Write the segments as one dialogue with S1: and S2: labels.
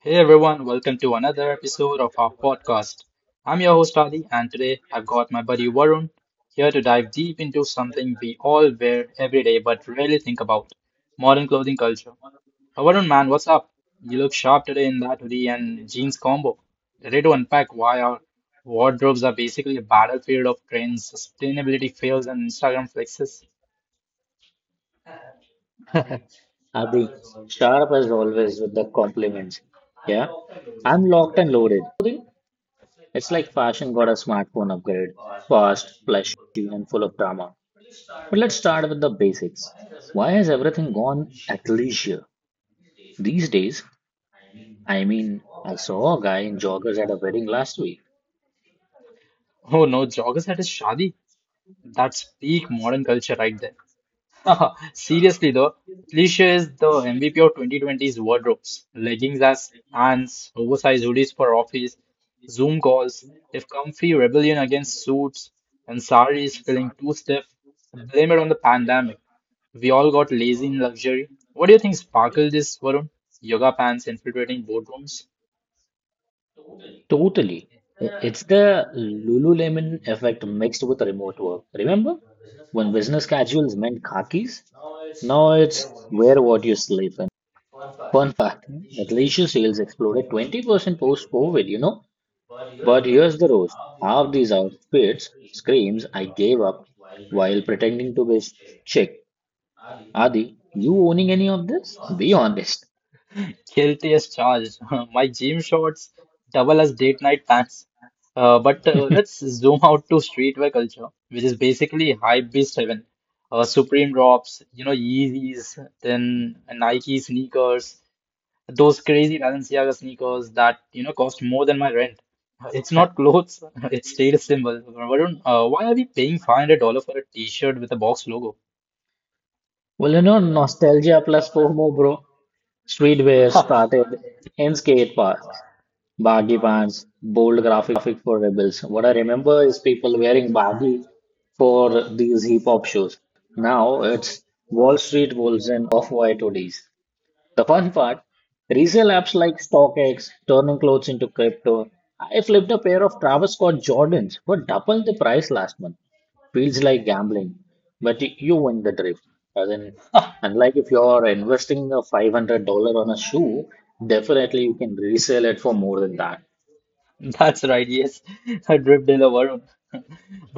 S1: Hey everyone, welcome to another episode of our podcast. I'm your host Ali, and today I've got my buddy Varun here to dive deep into something we all wear every day but rarely think about — modern clothing culture. Varun, man, what's up? You look sharp today in that hoodie and jeans combo. Ready to unpack why our wardrobes are basically a battlefield of trends, sustainability fails, and Instagram flexes?
S2: Adi, sharp as always with the compliments. Yeah, I'm locked and loaded. Modern clothing? It's like fashion got a smartphone upgrade. Fast, flashy, and full of drama. But let's start with the basics. Why has everything gone athleisure? These days, I mean, I saw a guy in joggers at a wedding last week.
S1: Oh no, joggers at a shadi? That's peak modern culture right there. Seriously though, Felicia is the MVP of 2020's wardrobes. Leggings as pants, oversized hoodies for office, Zoom calls, if comfy rebellion against suits and saris feeling too stiff, blame it on the pandemic. We all got lazy in luxury. What do you think sparkled this, Varun? Yoga pants infiltrating boardrooms?
S2: Totally. It's the Lululemon effect mixed with remote work. Remember? When business casuals meant khakis? Now it's wear what you sleep in. Fun fact, athleisure sales exploded 20% post-COVID. But here's the roast. Half these outfits screams, I gave up while pretending to be chic. Adi, you owning any of this? Be honest.
S1: Guilty as charged. My gym shorts double as date night pants. But let's zoom out to streetwear culture, which is basically hype beast heaven. Supreme drops, Yeezys, then Nike sneakers, those crazy Balenciaga sneakers that, cost more than my rent. It's not clothes, it's status symbol. Varun, why are we paying $500 for a t-shirt with a box logo?
S2: Well, nostalgia plus FOMO, bro. Streetwear started in skate parks, baggy pants, bold graphic for rebels. What I remember is people wearing baggy for these hip hop shoes. Now it's Wall Street Wolves and Off-White hoodies. The fun part, resale apps like StockX, turning clothes into crypto. I flipped a pair of Travis Scott Jordans for double the price last month. Feels like gambling, but you win the drift. As in, unlike if you're investing a $500 on a shoe, definitely you can resell it for more than that.
S1: That's right, yes. A drip dealer, Varun.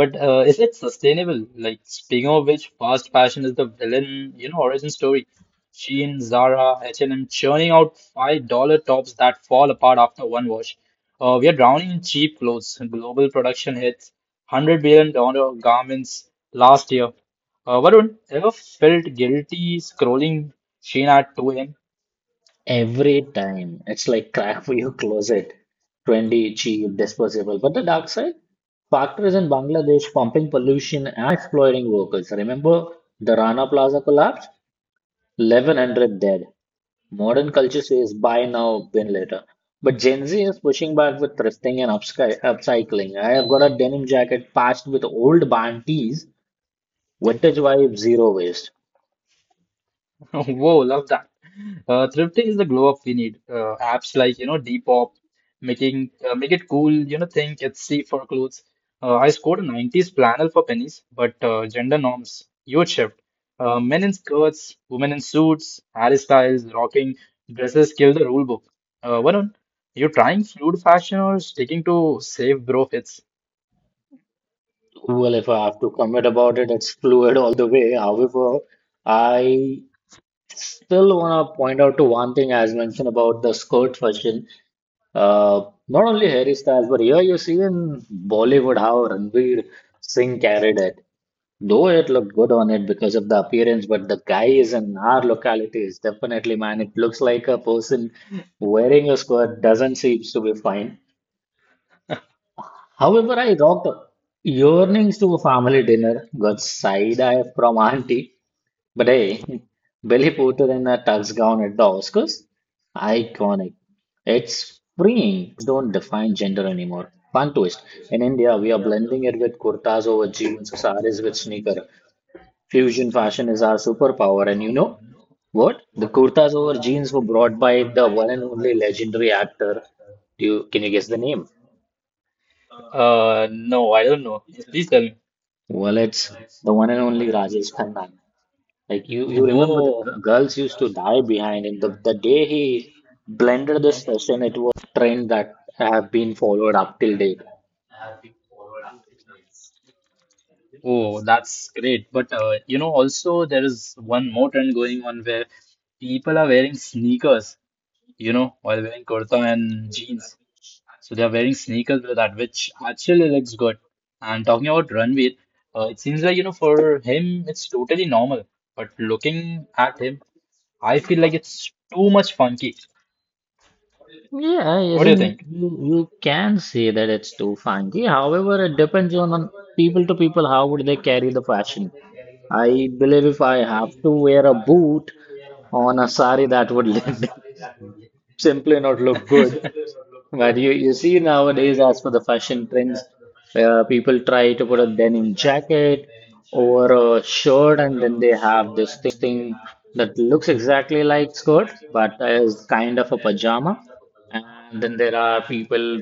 S1: But is it sustainable? Like, speaking of which, fast fashion is the villain, origin story. Shein, Zara, H&M churning out $5 tops that fall apart after one wash. We are drowning in cheap clothes. Global production hits $100 billion dollar garments last
S2: Last day,
S1: year. Varun, ever felt guilty scrolling Shein at 2 a.m.?
S2: every time. It's like crack for your closet. 20 cheap, disposable. But the dark side? Factories in Bangladesh pumping pollution and exploiting workers. Remember the Rana Plaza collapse? 1,100 dead. Modern culture says buy now, win later. But Gen Z is pushing back with thrifting and upcycling. I have got a denim jacket patched with old band tees, vintage vibe, zero waste.
S1: Whoa, love that. Thrifting is the glow up we need. Apps like, Depop, making make it cool, think it's safe for clothes. I scored a 90s flannel for pennies, but gender norms, huge shift. Men in skirts, women in suits, Harry Styles, rocking dresses kill the rule book. Varun, you trying fluid fashion or sticking to safe bro fits?
S2: Well, if I have to comment about it, it's fluid all the way. However, I still want to point out to one thing as mentioned about the skirt fashion. Uh, not only Harry Styles, but here you see in Bollywood how Ranveer Singh carried it. Though it looked good on it because of the appearance, but the guy is in our localities. Definitely, man, it looks like a person wearing a skirt doesn't seem to be fine. However, I rocked yearnings to a family dinner, got side eye from auntie, but hey, Billy Porter in a touchdown at the Oscars? Iconic. It's freeing. Clothes don't define gender anymore. Fun twist. In India, we are blending it with kurtas over jeans, saris with sneaker. Fusion fashion is our superpower. And you know what? The kurtas over jeans were brought by the one and only legendary actor. Can you guess the name?
S1: No, I don't know. Yes, please tell me.
S2: Well, it's the one and only Rajesh Khanna. Like you remember the
S1: Whoa.
S2: girls used to die behind him. The day he blended this session, it was a fashion trend that have been followed up till date.
S1: Oh, that's great. But also there is one more trend going on where people are wearing sneakers, while wearing kurta and jeans. So they are wearing sneakers with that, which actually looks good. And talking about Ranveer, it seems like, for him, it's totally normal. But looking at him, I feel like it's too much funky.
S2: Yeah,
S1: What do you
S2: isn't
S1: think?
S2: you can say that it's too funky. However, it depends on people to people how would they carry the fashion. I believe if I have to wear a boot on a sari, that would simply not look good. But you see nowadays, as for the fashion trends, where people try to put a denim jacket over a shirt, and then they have this thing that looks exactly like skirt, but is kind of a pajama. And then there are people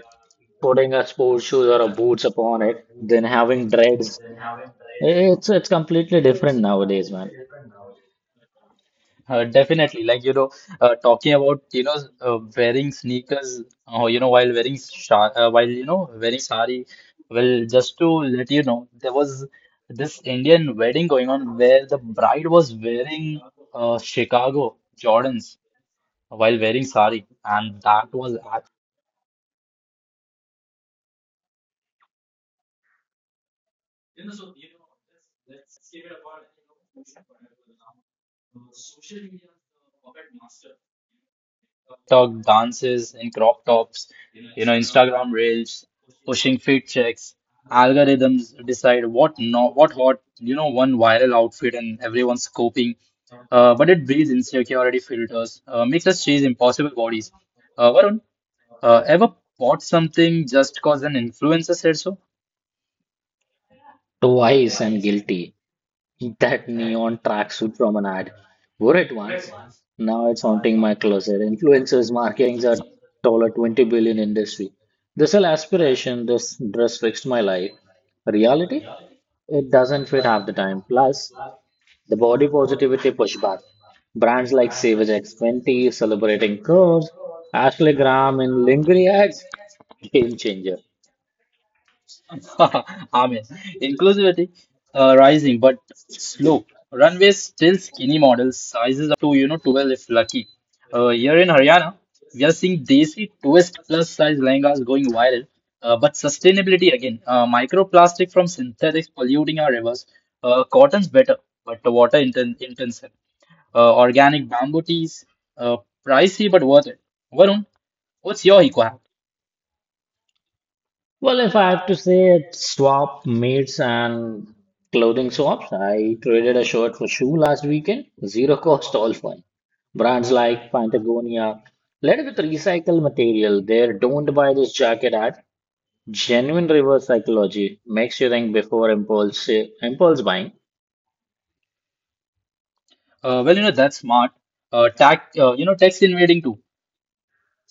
S2: putting a sports shoes or a boots upon it, then having dreads. It's completely different nowadays, man.
S1: Definitely, like talking about wearing sneakers, while wearing sha while wearing sari. Well, just to let you know, there was this Indian wedding going on where the bride was wearing Chicago Jordans while wearing sari, and that was
S3: TikTok dances in crop tops, you know, Instagram reels, pushing fit checks. Algorithms decide what no, what hot, you know, one viral outfit and everyone's copying. But it breeds insecurity filters, makes us chase impossible bodies. Varun, ever bought something just cause an influencer said so?
S2: Twice and guilty. That neon tracksuit from an ad. Wore it once. Now it's haunting my closet. Influencers marketing's a dollar 20 billion industry. This is aspiration. This dress fixed my life. Reality, it doesn't fit half the time. Plus, the body positivity pushback. Brands like Savage X20 celebrating curves, Ashley Graham in lingerie ads, game changer.
S3: Amen. Inclusivity rising but slow. Runways still skinny models, sizes up to you know 12 if lucky. Here in Haryana, we are seeing desi twist plus size lehengas going viral. But sustainability again, microplastic from synthetics polluting our rivers. Cotton's better, but the water intensive. Organic bamboo teas, uh, pricey but worth it. Varun, what's your eco
S2: Well, if I have to say it, swap meets and clothing swaps. I traded a shirt for shoe last weekend. Zero cost, all fun. Brands like Patagonia, led with recycled material. There, don't buy this jacket at. Genuine reverse psychology makes you think before impulse buying.
S3: You know, that's smart. Tax, you know, tax invading too.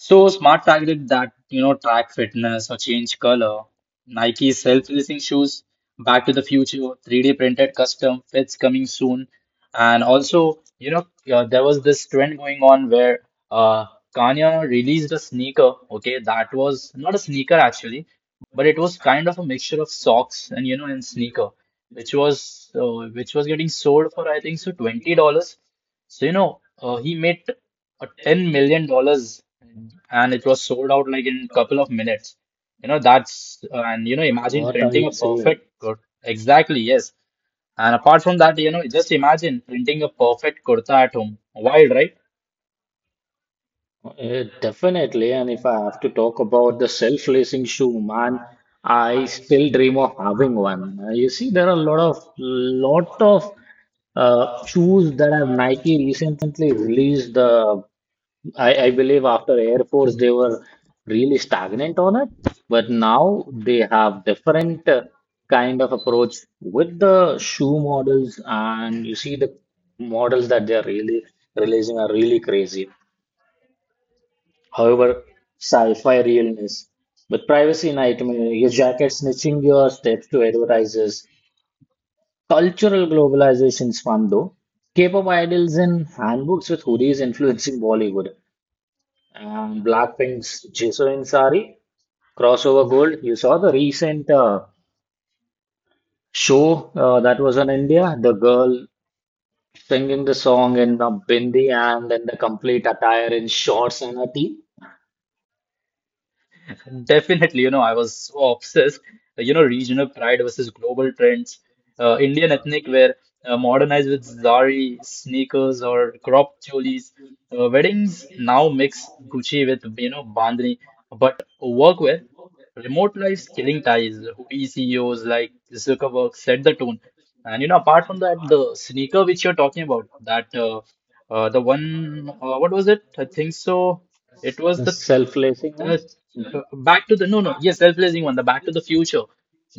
S3: So smart targeted that, you know, track fitness or change color. Nike self-lacing shoes, Back to the Future, 3D printed custom fits coming soon. And also, you know, there was this trend going on where uh, Kanye released a sneaker. Okay, that was not a sneaker actually, but it was kind of a mixture of socks and, you know, and sneaker, which was which was getting sold for I think so $20. So you know, he made a 10 million dollars and it was sold out like in a couple of minutes. You know, that's and, you know, imagine printing a perfect exactly yes and apart from that, you know, just imagine printing a perfect kurta at home, wild right?
S2: Eh, definitely. And if I have to talk about the self-lacing shoe, man, I still dream of having one. You see, there are a lot of shoes that have Nike recently released. I believe after Air Force, they were really stagnant on it, but now they have different kind of approach with the shoe models, and you see the models that they are really releasing are really crazy. However, sci-fi realness with privacy nightmare, your jacket snitching your steps to advertisers, cultural globalization fun though, K-pop idols in handbooks with hoodies influencing Bollywood, and Blackpink's Jisoo Sari, crossover gold. You saw the recent show that was in India, the girl singing the song in a bindi and in the complete attire in shorts and a tee.
S3: Definitely, you know, I was so obsessed. You know, regional pride versus global trends. Indian ethnic wear modernized with zari, sneakers, or crop cholis. Weddings now mix Gucci with, you know, bandhani. But workwear, remote life's killing ties. Hoodie CEOs like Zuckerberg set the tone. And, you know, apart from that, the sneaker which you're talking about, that the one, what was it? I think so. It was the
S2: The one?
S3: uh, back to the no no yes, self-blazing one, the Back to the Future.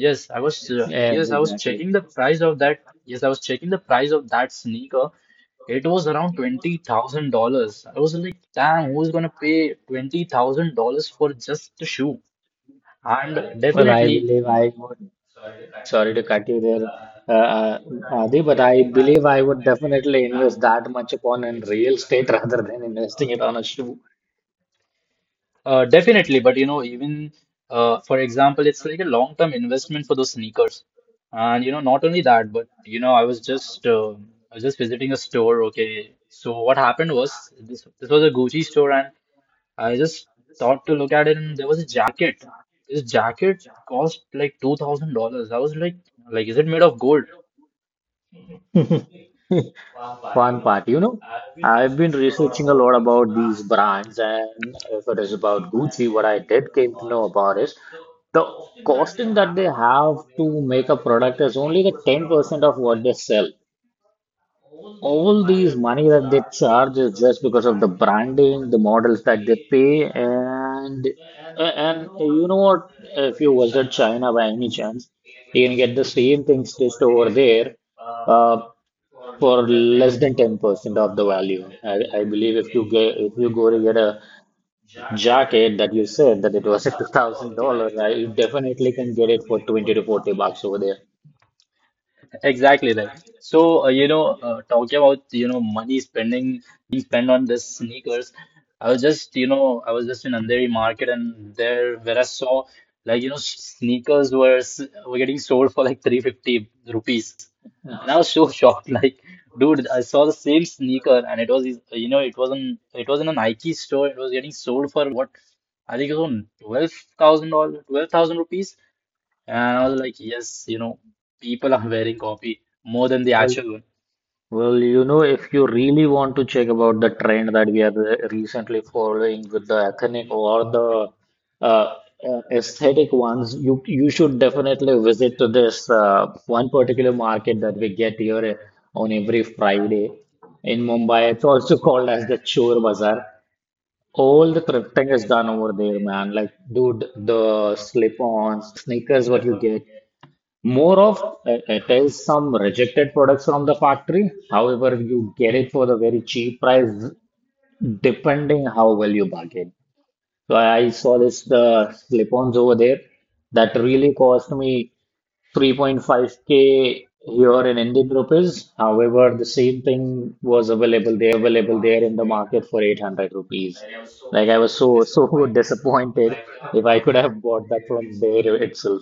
S3: Yes, I was
S2: Yes,
S3: yes, I was
S2: exactly.
S3: checking the price of that. Yes, I was checking the price of that sneaker. It was around $20,000. I was like, damn, who's gonna pay $20,000 for just a shoe? And
S2: Well, I
S3: definitely
S2: believe I would. Sorry to cut you there, uh, uh, Adi, but I believe I would definitely invest that much upon in real estate rather than investing it on a shoe.
S3: Definitely, but you know, even for example, it's like a long-term investment for those sneakers, and you know, not only that, but you know, I was just visiting a store. Okay, so what happened was this was a Gucci store, and I just thought to look at it, and there was a jacket. This jacket cost like $2,000. I was like, is it made of gold?
S2: fun part. You know, I've been researching a lot about these brands, and if it is about Gucci, what I did came to know about is the costing that they have to make a product is only the 10% of what they sell. All these money that they charge is just because of the branding, the models that they pay, and you know what? If you visit China by any chance, you can get the same thing stitched over there. Uh, for less than 10% of the value. I believe if you go to get a jacket that you said that it was a $2,000, you definitely can get it for 20 to 40 bucks over there.
S3: Exactly right. So, you know, talking about, you know, money spending being spent on this sneakers, I was just, you know, I was just in Andheri market and there where I saw like, you know, sneakers were getting sold for like 350 rupees.
S2: Yeah.
S3: And I was so shocked. Like, dude, I saw the same sneaker and it wasn't, it was in a Nike store. It was getting sold for what? I think it was on 12,000 thousand dollar 12,000 rupees. And I was like, yes, you know, people are wearing copy more than the
S2: Well,
S3: actual one.
S2: well, if you really want to check about the trend that we are recently following with the ethnic or the uh, aesthetic ones, you should definitely visit to this one particular market that we get here on every Friday in Mumbai. It's also called as the Chor Bazaar. All the thrifting is done over there, man. Like, dude, the slip-ons, the sneakers, what you get. More of it is some rejected products from the factory. However, you get it for the very cheap price, depending how well you bargain. So I saw this the slip-ons over there that really cost me 3.5k here in Indian rupees. However, the same thing was available there in the market for 800 rupees. Like I was so so disappointed if I could have bought that from there itself.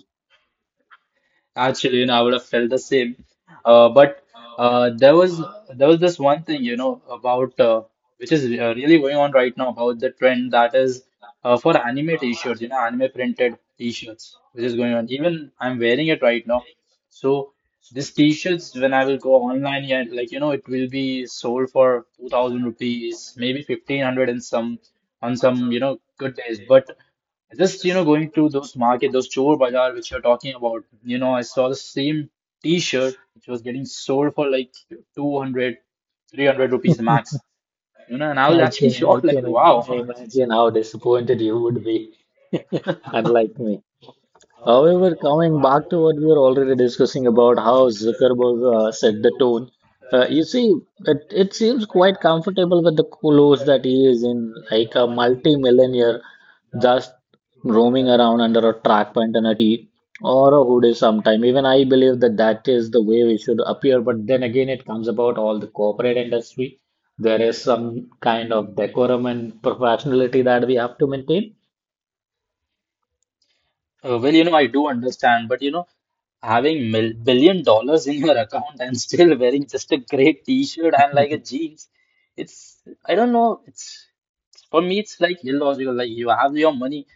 S3: Actually, you know, I would have felt the same. But there was this one thing, you know, about which is really going on right now about the trend that is for anime t-shirts, you know, anime printed t-shirts, which is going on. Even I'm wearing it right now. So these t-shirts, when I will go online, yeah, like you know, it will be sold for 2,000 rupees, maybe 1,500 in some on some you know good days. But just, you know, going to those market, those chor bazaar which you're talking about, you know, I saw the same t-shirt which was getting sold for like 200, 300 rupees max, you know, and I was
S2: I
S3: actually
S2: can
S3: shocked, like, wow.
S2: imagine how disappointed you would be, unlike me. However, coming back to what we were already discussing about how Zuckerberg set the tone, you see, it seems quite comfortable with the clothes that he is in, like a multi-millionaire just roaming around under a track pant and a tee or a hoodie sometime. Even I believe that that is the way we should appear, but then again, it comes about all the corporate industry. There is some kind of decorum and professionality that we have to maintain.
S3: You know, I do understand, but you know, having mil billion dollars in your account and still wearing just a grey t-shirt and like a jeans, it's I don't know. It's for me, it's like illogical. Like you have your money,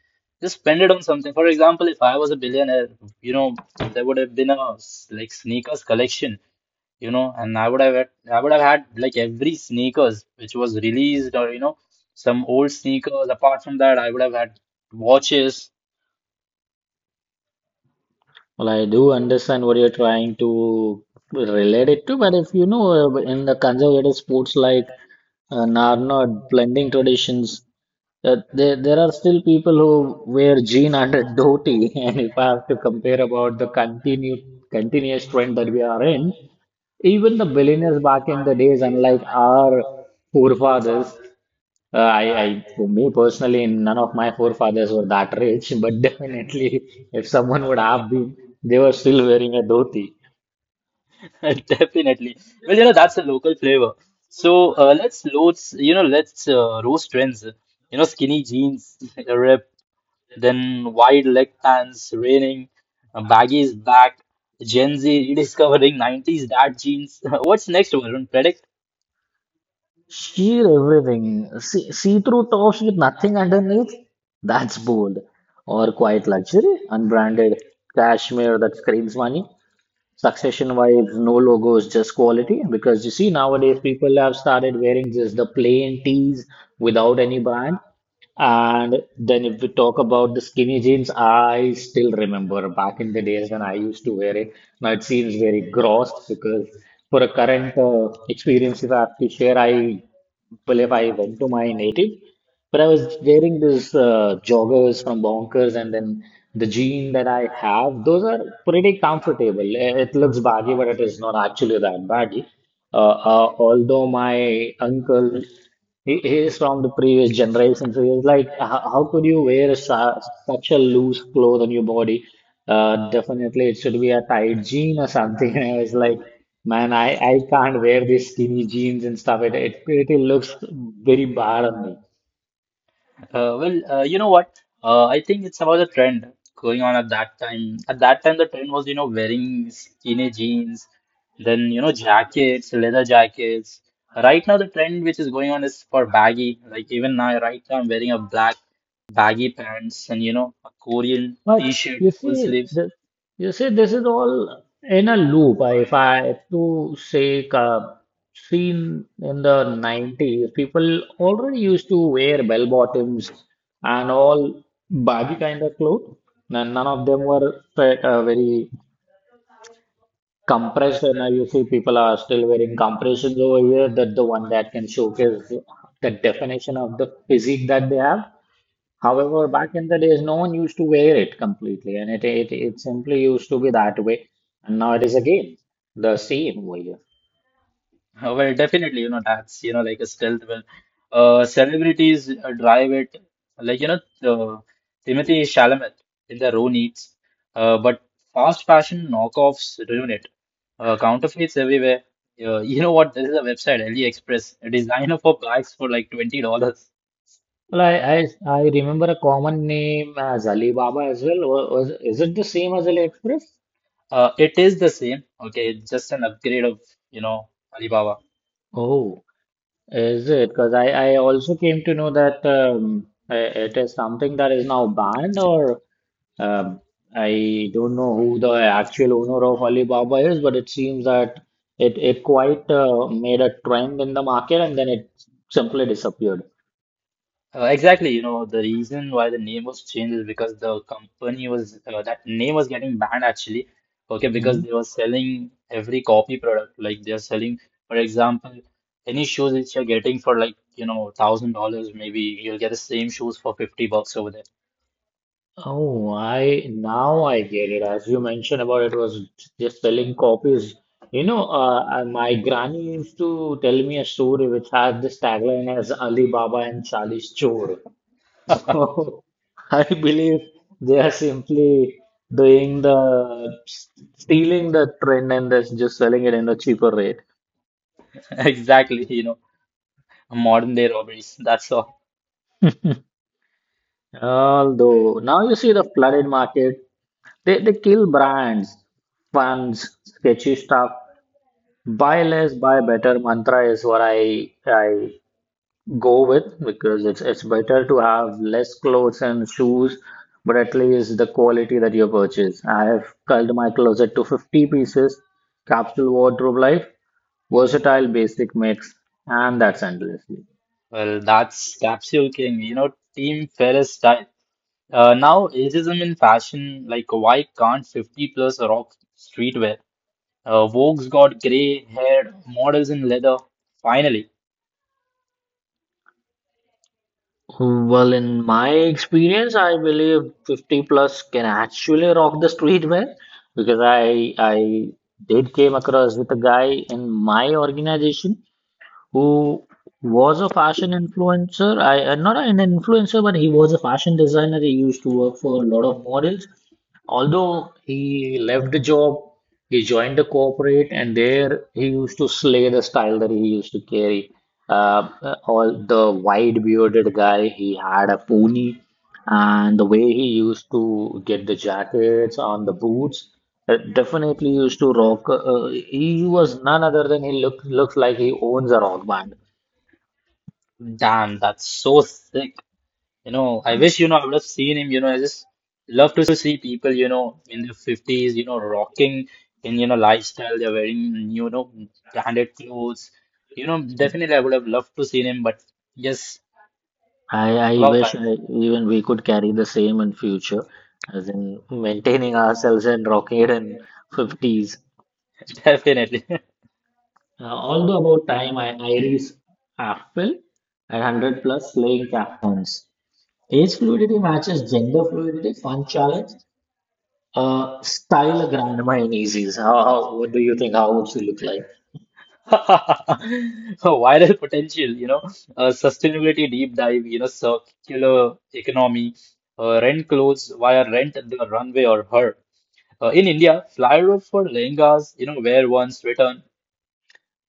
S3: just spend it on something. For example, if I was a billionaire, you know, there would have been a sneakers collection, you know, and I would have had like every sneakers which was released or you know some old sneakers. Apart from that, I would have had watches.
S2: Well, I do understand what you're trying to relate it to, but if you know, in the conservative sports like Narnod, blending traditions, there are still people who wear jean and a dhoti. And if I have to compare about the continued continuous trend that we are in, even the billionaires back in the days, unlike our forefathers, for me personally, none of my forefathers were that rich, but definitely, if someone would have been, they were still wearing a dhoti.
S3: Definitely. Well, you know, that's a local flavor. So let's loads, you know, let's roast trends. You know, skinny jeans, a rip, then wide leg pants, raining, baggies back, Gen Z rediscovering 90s dad jeans. What's next, Varun? Predict?
S2: Sheer everything. See-through tops with nothing underneath? That's bold. Or quite luxury. Unbranded cashmere that screams money. Succession vibes, no logos, just quality. Because you see, nowadays people have started wearing just the plain tees without any brand. And then if we talk about the skinny jeans, I still remember back in the days when I used to wear it. Now it seems very gross because for a current experience, if I have to share, I believe I went to my native, but I was wearing this joggers from Bonkers and then the jean that I have, those are pretty comfortable. Eh, it looks baggy, but it is not actually that baggy. Although my uncle he is from the previous generation, so he's like, how could you wear su such a loose cloth on your body? Definitely, it should be a tight jean or something. And I was like, man, I can't wear these skinny jeans and stuff. It pretty looks very bad on me.
S3: You know what? I think it's about the trend going on at that time. At that time, the trend was, you know, wearing skinny jeans, then, you know, jackets, leather jackets. Right now, the trend which is going on is for baggy. Like even now, right now, I'm wearing a black baggy pants and, you know, a Korean
S2: But
S3: t-shirt,
S2: you
S3: full
S2: see,
S3: sleeves.
S2: you see, this is all in a loop. If I have to say, seen in the 90s, people already used to wear bell bottoms and all baggy kind of clothes. And none of them were very compressed. And now you see, people are still wearing compressions over here. That the one that can showcase the definition of the physique that they have. However, back in the days, no one used to wear it completely, and it simply used to be that way. And now it is again the same over here.
S3: Well, definitely, you know, that's, you know, like a stealth well. Celebrities drive it, like, you know, uh, Timothy Chalamet in their own needs. But fast fashion knockoffs ruin it. Counterfeits everywhere. You know what? There is a website, AliExpress, a designer for bags for like $20.
S2: Well, I remember a common name as Alibaba as well. Is it the same as AliExpress?
S3: It is the same. Okay. It's just an upgrade of, you know, Alibaba.
S2: Oh, is it? Because I also came to know that it is something that is now banned, or Um, I don't know who the actual owner of Alibaba is, but it seems that it quite made a trend in the market and then it simply disappeared.
S3: Exactly, you know, the reason why the name was changed is because the company was that name was getting banned actually. Okay, because
S2: Mhm.
S3: they were selling every copy product, like they're selling, for example, any shoes which you're getting for like, you know, thousand dollars, maybe you'll get the same shoes for 50 bucks over there.
S2: Oh, I now I get it. As you mentioned about it was just selling copies. You know, my granny used to tell me a story which had this tagline as Alibaba and Charlie's Chore. So I believe they are simply doing the stealing the trend and that's just selling it in a cheaper rate.
S3: Exactly, you know, modern day robberies. That's all.
S2: Although now you see the flooded market, they kill brands, funds, sketchy stuff. Buy less, buy better mantra is what I go with because it's better to have less clothes and shoes, but at least the quality that you purchase. I have culled my closet to 50 pieces, capsule wardrobe life, versatile basic mix, and that's endlessly.
S3: Well, that's Capsule King, you know, Team Ferris style. Now, ageism in fashion, like, why can't 50 plus rock streetwear? Vogue's got gray-haired models in leather. Finally,
S2: Well, in my experience, I believe 50 plus can actually rock the streetwear because I did came across with a guy in my organization who was a fashion influencer. I not an influencer, but he was a fashion designer. He used to work for a lot of models. Although he left the job, he joined the corporate, and there he used to slay the style that he used to carry. All the wide bearded guy, he had a pony, and the way he used to get the jackets on the boots. Definitely used to rock. He was none other than he looks like he owns a rock band.
S3: damn, that's so sick. I
S2: Uh,
S3: wish I would have seen him. You know, I just love to see people you know in their 50s, you know, rocking in you know lifestyle. They're wearing you know branded clothes. You know, definitely I would have loved to seen him, but yes,
S2: I
S3: about
S2: wish
S3: time,
S2: I, even we could carry the same in future, as in maintaining ourselves and rocking it in 50s.
S3: definitely.
S2: Although about time, I Iris Apfel at 100 plus slaying captains. Age fluidity matches gender fluidity. Fun challenge. Style a grandma in easies. What do you think? How would she look like?
S3: Viral potential, you know, sustainability deep dive, you know, circular economy, rent clothes via rent the runway or her. In India, flyover for lehengas, you know, wear once, return.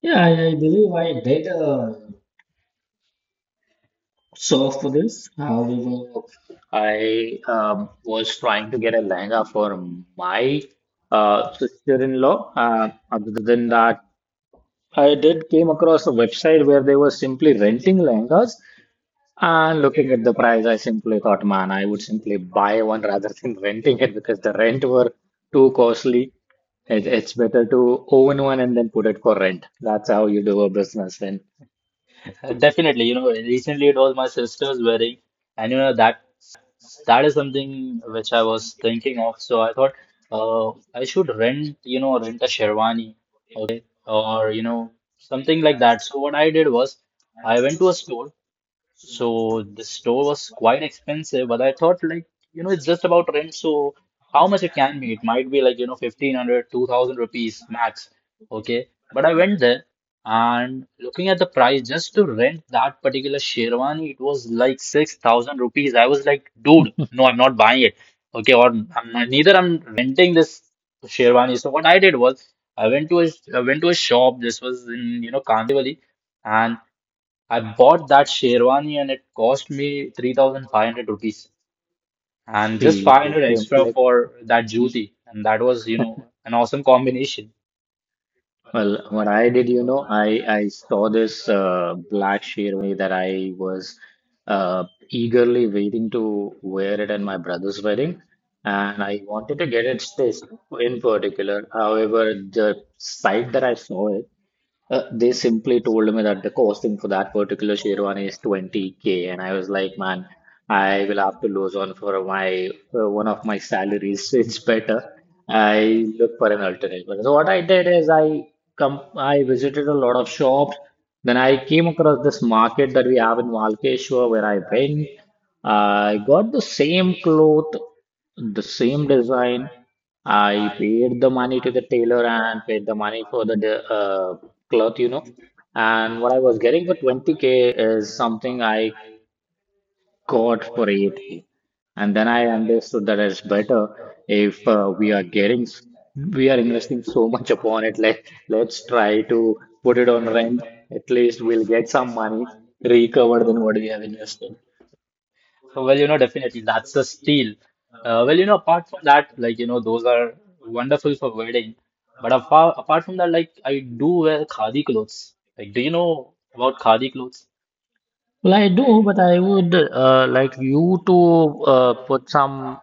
S2: Yeah, I believe I did search for this. However, I was trying to get a lehenga for my sister-in-law. Other than that, I did came across a website where they were simply renting lehengas and looking at the price, I simply thought, man, I would simply buy one rather than renting it because the rent were too costly. It's better to own one and then put it for rent. That's how you do a business. Then
S3: Definitely, you know, recently it was my sister's wedding, and you know that that is something which I was thinking of. So I thought, I should rent, you know, rent a sherwani, okay, or you know, something like that. So what I did was, I went to a store. So the store was quite expensive, but I thought like, you know, it's just about rent, so how much it can be? It might be like, you know, 1,500, 2,000 rupees max. Okay. But I went there and looking at the price just to rent that particular Sherwani, it was like 6,000 rupees. I was like, dude, no, I'm not buying it. Okay. Or I'm not, neither I'm renting this Sherwani. So what I did was I went to a shop. This was in, you know, Kandivali. And I bought that sherwani and it cost me 3,500 rupees and
S2: see,
S3: just
S2: you
S3: 500 extra
S2: simply.
S3: for that
S2: Mhm.
S3: jyoti. And that was, you know, an awesome combination.
S2: Well, what I did, you know, I saw this black Sherwani that I was uh, eagerly waiting to wear it at my brother's wedding, and I wanted to get its stitched in particular. However, the site that I saw it. They simply told me that the costing for that particular Sherwani is 20K, and I was like, man, I will have to lose on for my one of my salaries. It's better I look for an alternative. So what I did is I visited a lot of shops. Then I came across this market that we have in Walkeshwar where I went. I got the same cloth, the same design, I paid the money to the tailor and paid the money for the cloth, you know. And what I was getting for 20K is something I got for 8K. And then I understood that it's better if we are getting, we are investing so much upon it. Like, let's try to put it on rent. At least we'll get some money recovered than what we have invested.
S3: Well, you know, definitely that's a steal. You know, apart from that, like, you know, those are wonderful for wedding. Apart from that, like, I do wear khadi clothes. Like, do you know about khadi clothes?
S2: Well, I do, but I would like you to put some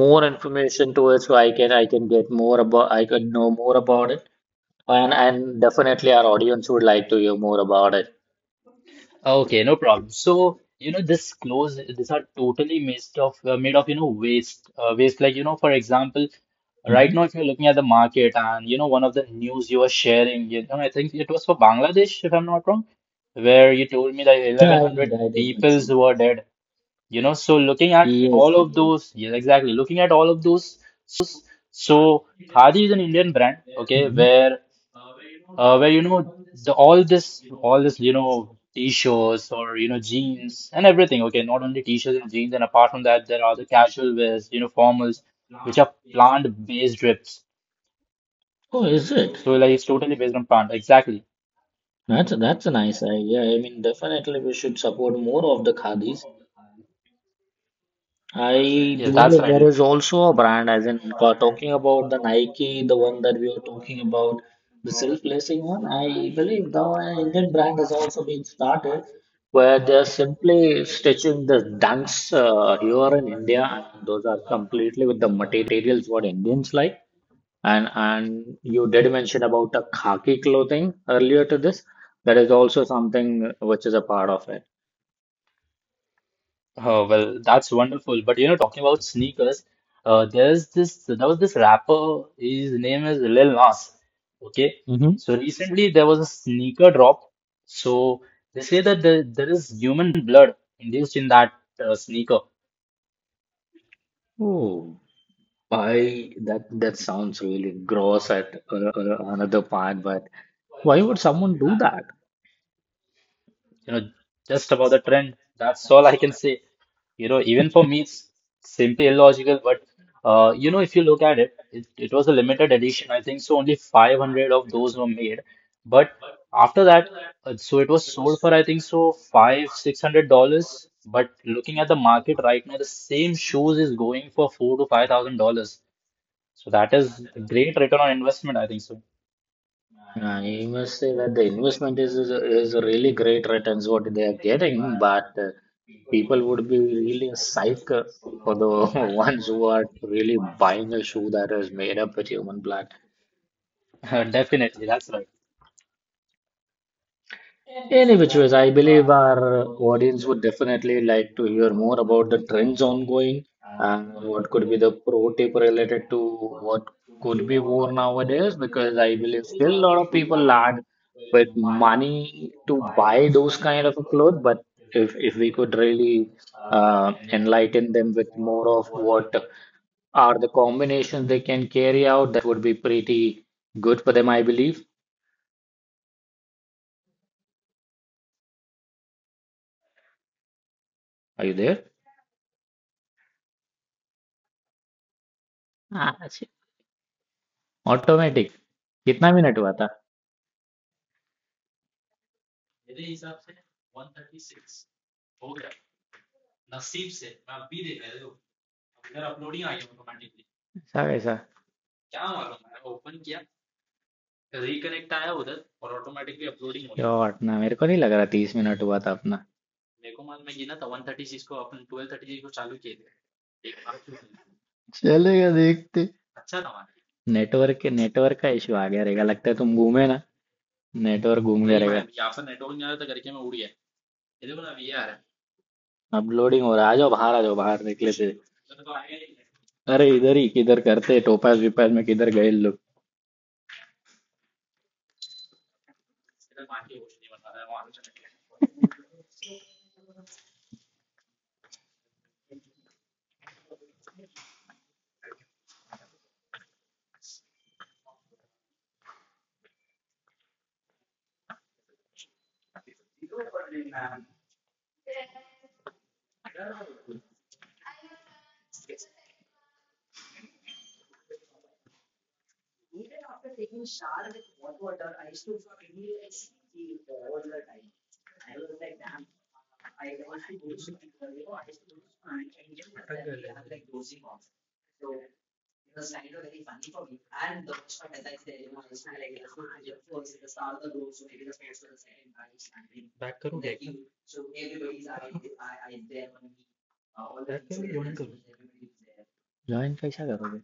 S2: more information to it so I can get more about I can know more about it and definitely our audience would like to hear more about it.
S3: Okay, no problem. So, you know, this clothes, these are totally made of, you know, waste. Waste, like, you know, for example, right
S2: Mhm.
S3: now, if you're looking at the market and, you know, one of the news you were sharing, you know, I think it was for Bangladesh, if I'm not wrong, where you told me that
S2: Yeah, I
S3: 1,100
S2: did. I did
S3: peoples
S2: mention.
S3: were dead, you know. So, looking at
S2: Yes.
S3: all of
S2: Yes.
S3: those, yes, exactly. Looking at all of those, so Khadi is an Indian brand, okay,
S2: Mhm.
S3: where you know the all this you know t-shirts or you know jeans and everything, okay, not only t-shirts and jeans, and apart from that there are the casual wears, you know, formals which are plant based drips,
S2: Oh, is it?
S3: so like it's totally based on plant, exactly,
S2: That's a nice idea. I mean, definitely we should support more of the khadis. I
S3: yes, that's
S2: believe there
S3: right.
S2: is also a brand, as in talking about the Nike, the one that we were talking about, the self-lacing one. I believe the Indian brand has also been started, where they are simply stitching the dunks here in India, and those are completely with the materials what Indians like. And you did mention about a khaki clothing earlier to this. That is also something which is a part of it.
S3: Oh, well, that's wonderful. But you know, talking about sneakers, there was this rapper. His name is Lil Nas. Okay,
S2: Hmm.
S3: so recently there was a sneaker drop. So they say that there is human blood induced in that sneaker.
S2: Oh, I that sounds really gross at another part, but why would someone do that?
S3: You know, just about the trend. That's all I can say. You know, even for me, it's simply illogical. But you know, if you look at it, it was a limited edition. I think so only 500 of those were made. But after that, so it was sold for I think so five, $600. But looking at the market right now, the same shoes is going for four to five thousand dollars. So that is a great return on investment, I think so.
S2: I must say that the investment is a really great returns what they are getting, but people would be really psyched for the ones who are really buying a shoe that is made up with human blood.
S3: Definitely, that's right.
S2: In which ways, I believe our audience would definitely like to hear more about the trends ongoing and what could be the pro tip related to what could be worn nowadays. Because I believe still a lot of people lack with money to buy those kind of a clothes. But if we could really enlighten them with more of what are the combinations they can carry out, that would be pretty good for them, I believe. Are you there? Ah, automatic कितना minute हुआ था ऐसा कैसा यार ना मेरे को नहीं लग रहा तीस मिनट हुआ था अपना चलेगा देखते नेटवर्क के नेटवर्क का इश्यू आ गया रहेगा लगता है तुम घूमे ना नेटवर्क घूम गया रहेगा मैं अपलोडिंग हो रहा है आ जाओ बाहर निकले थे अरे इधर ही किधर करते टोपास विपास में किधर गए लोग ज्वाइन कैसा करोगे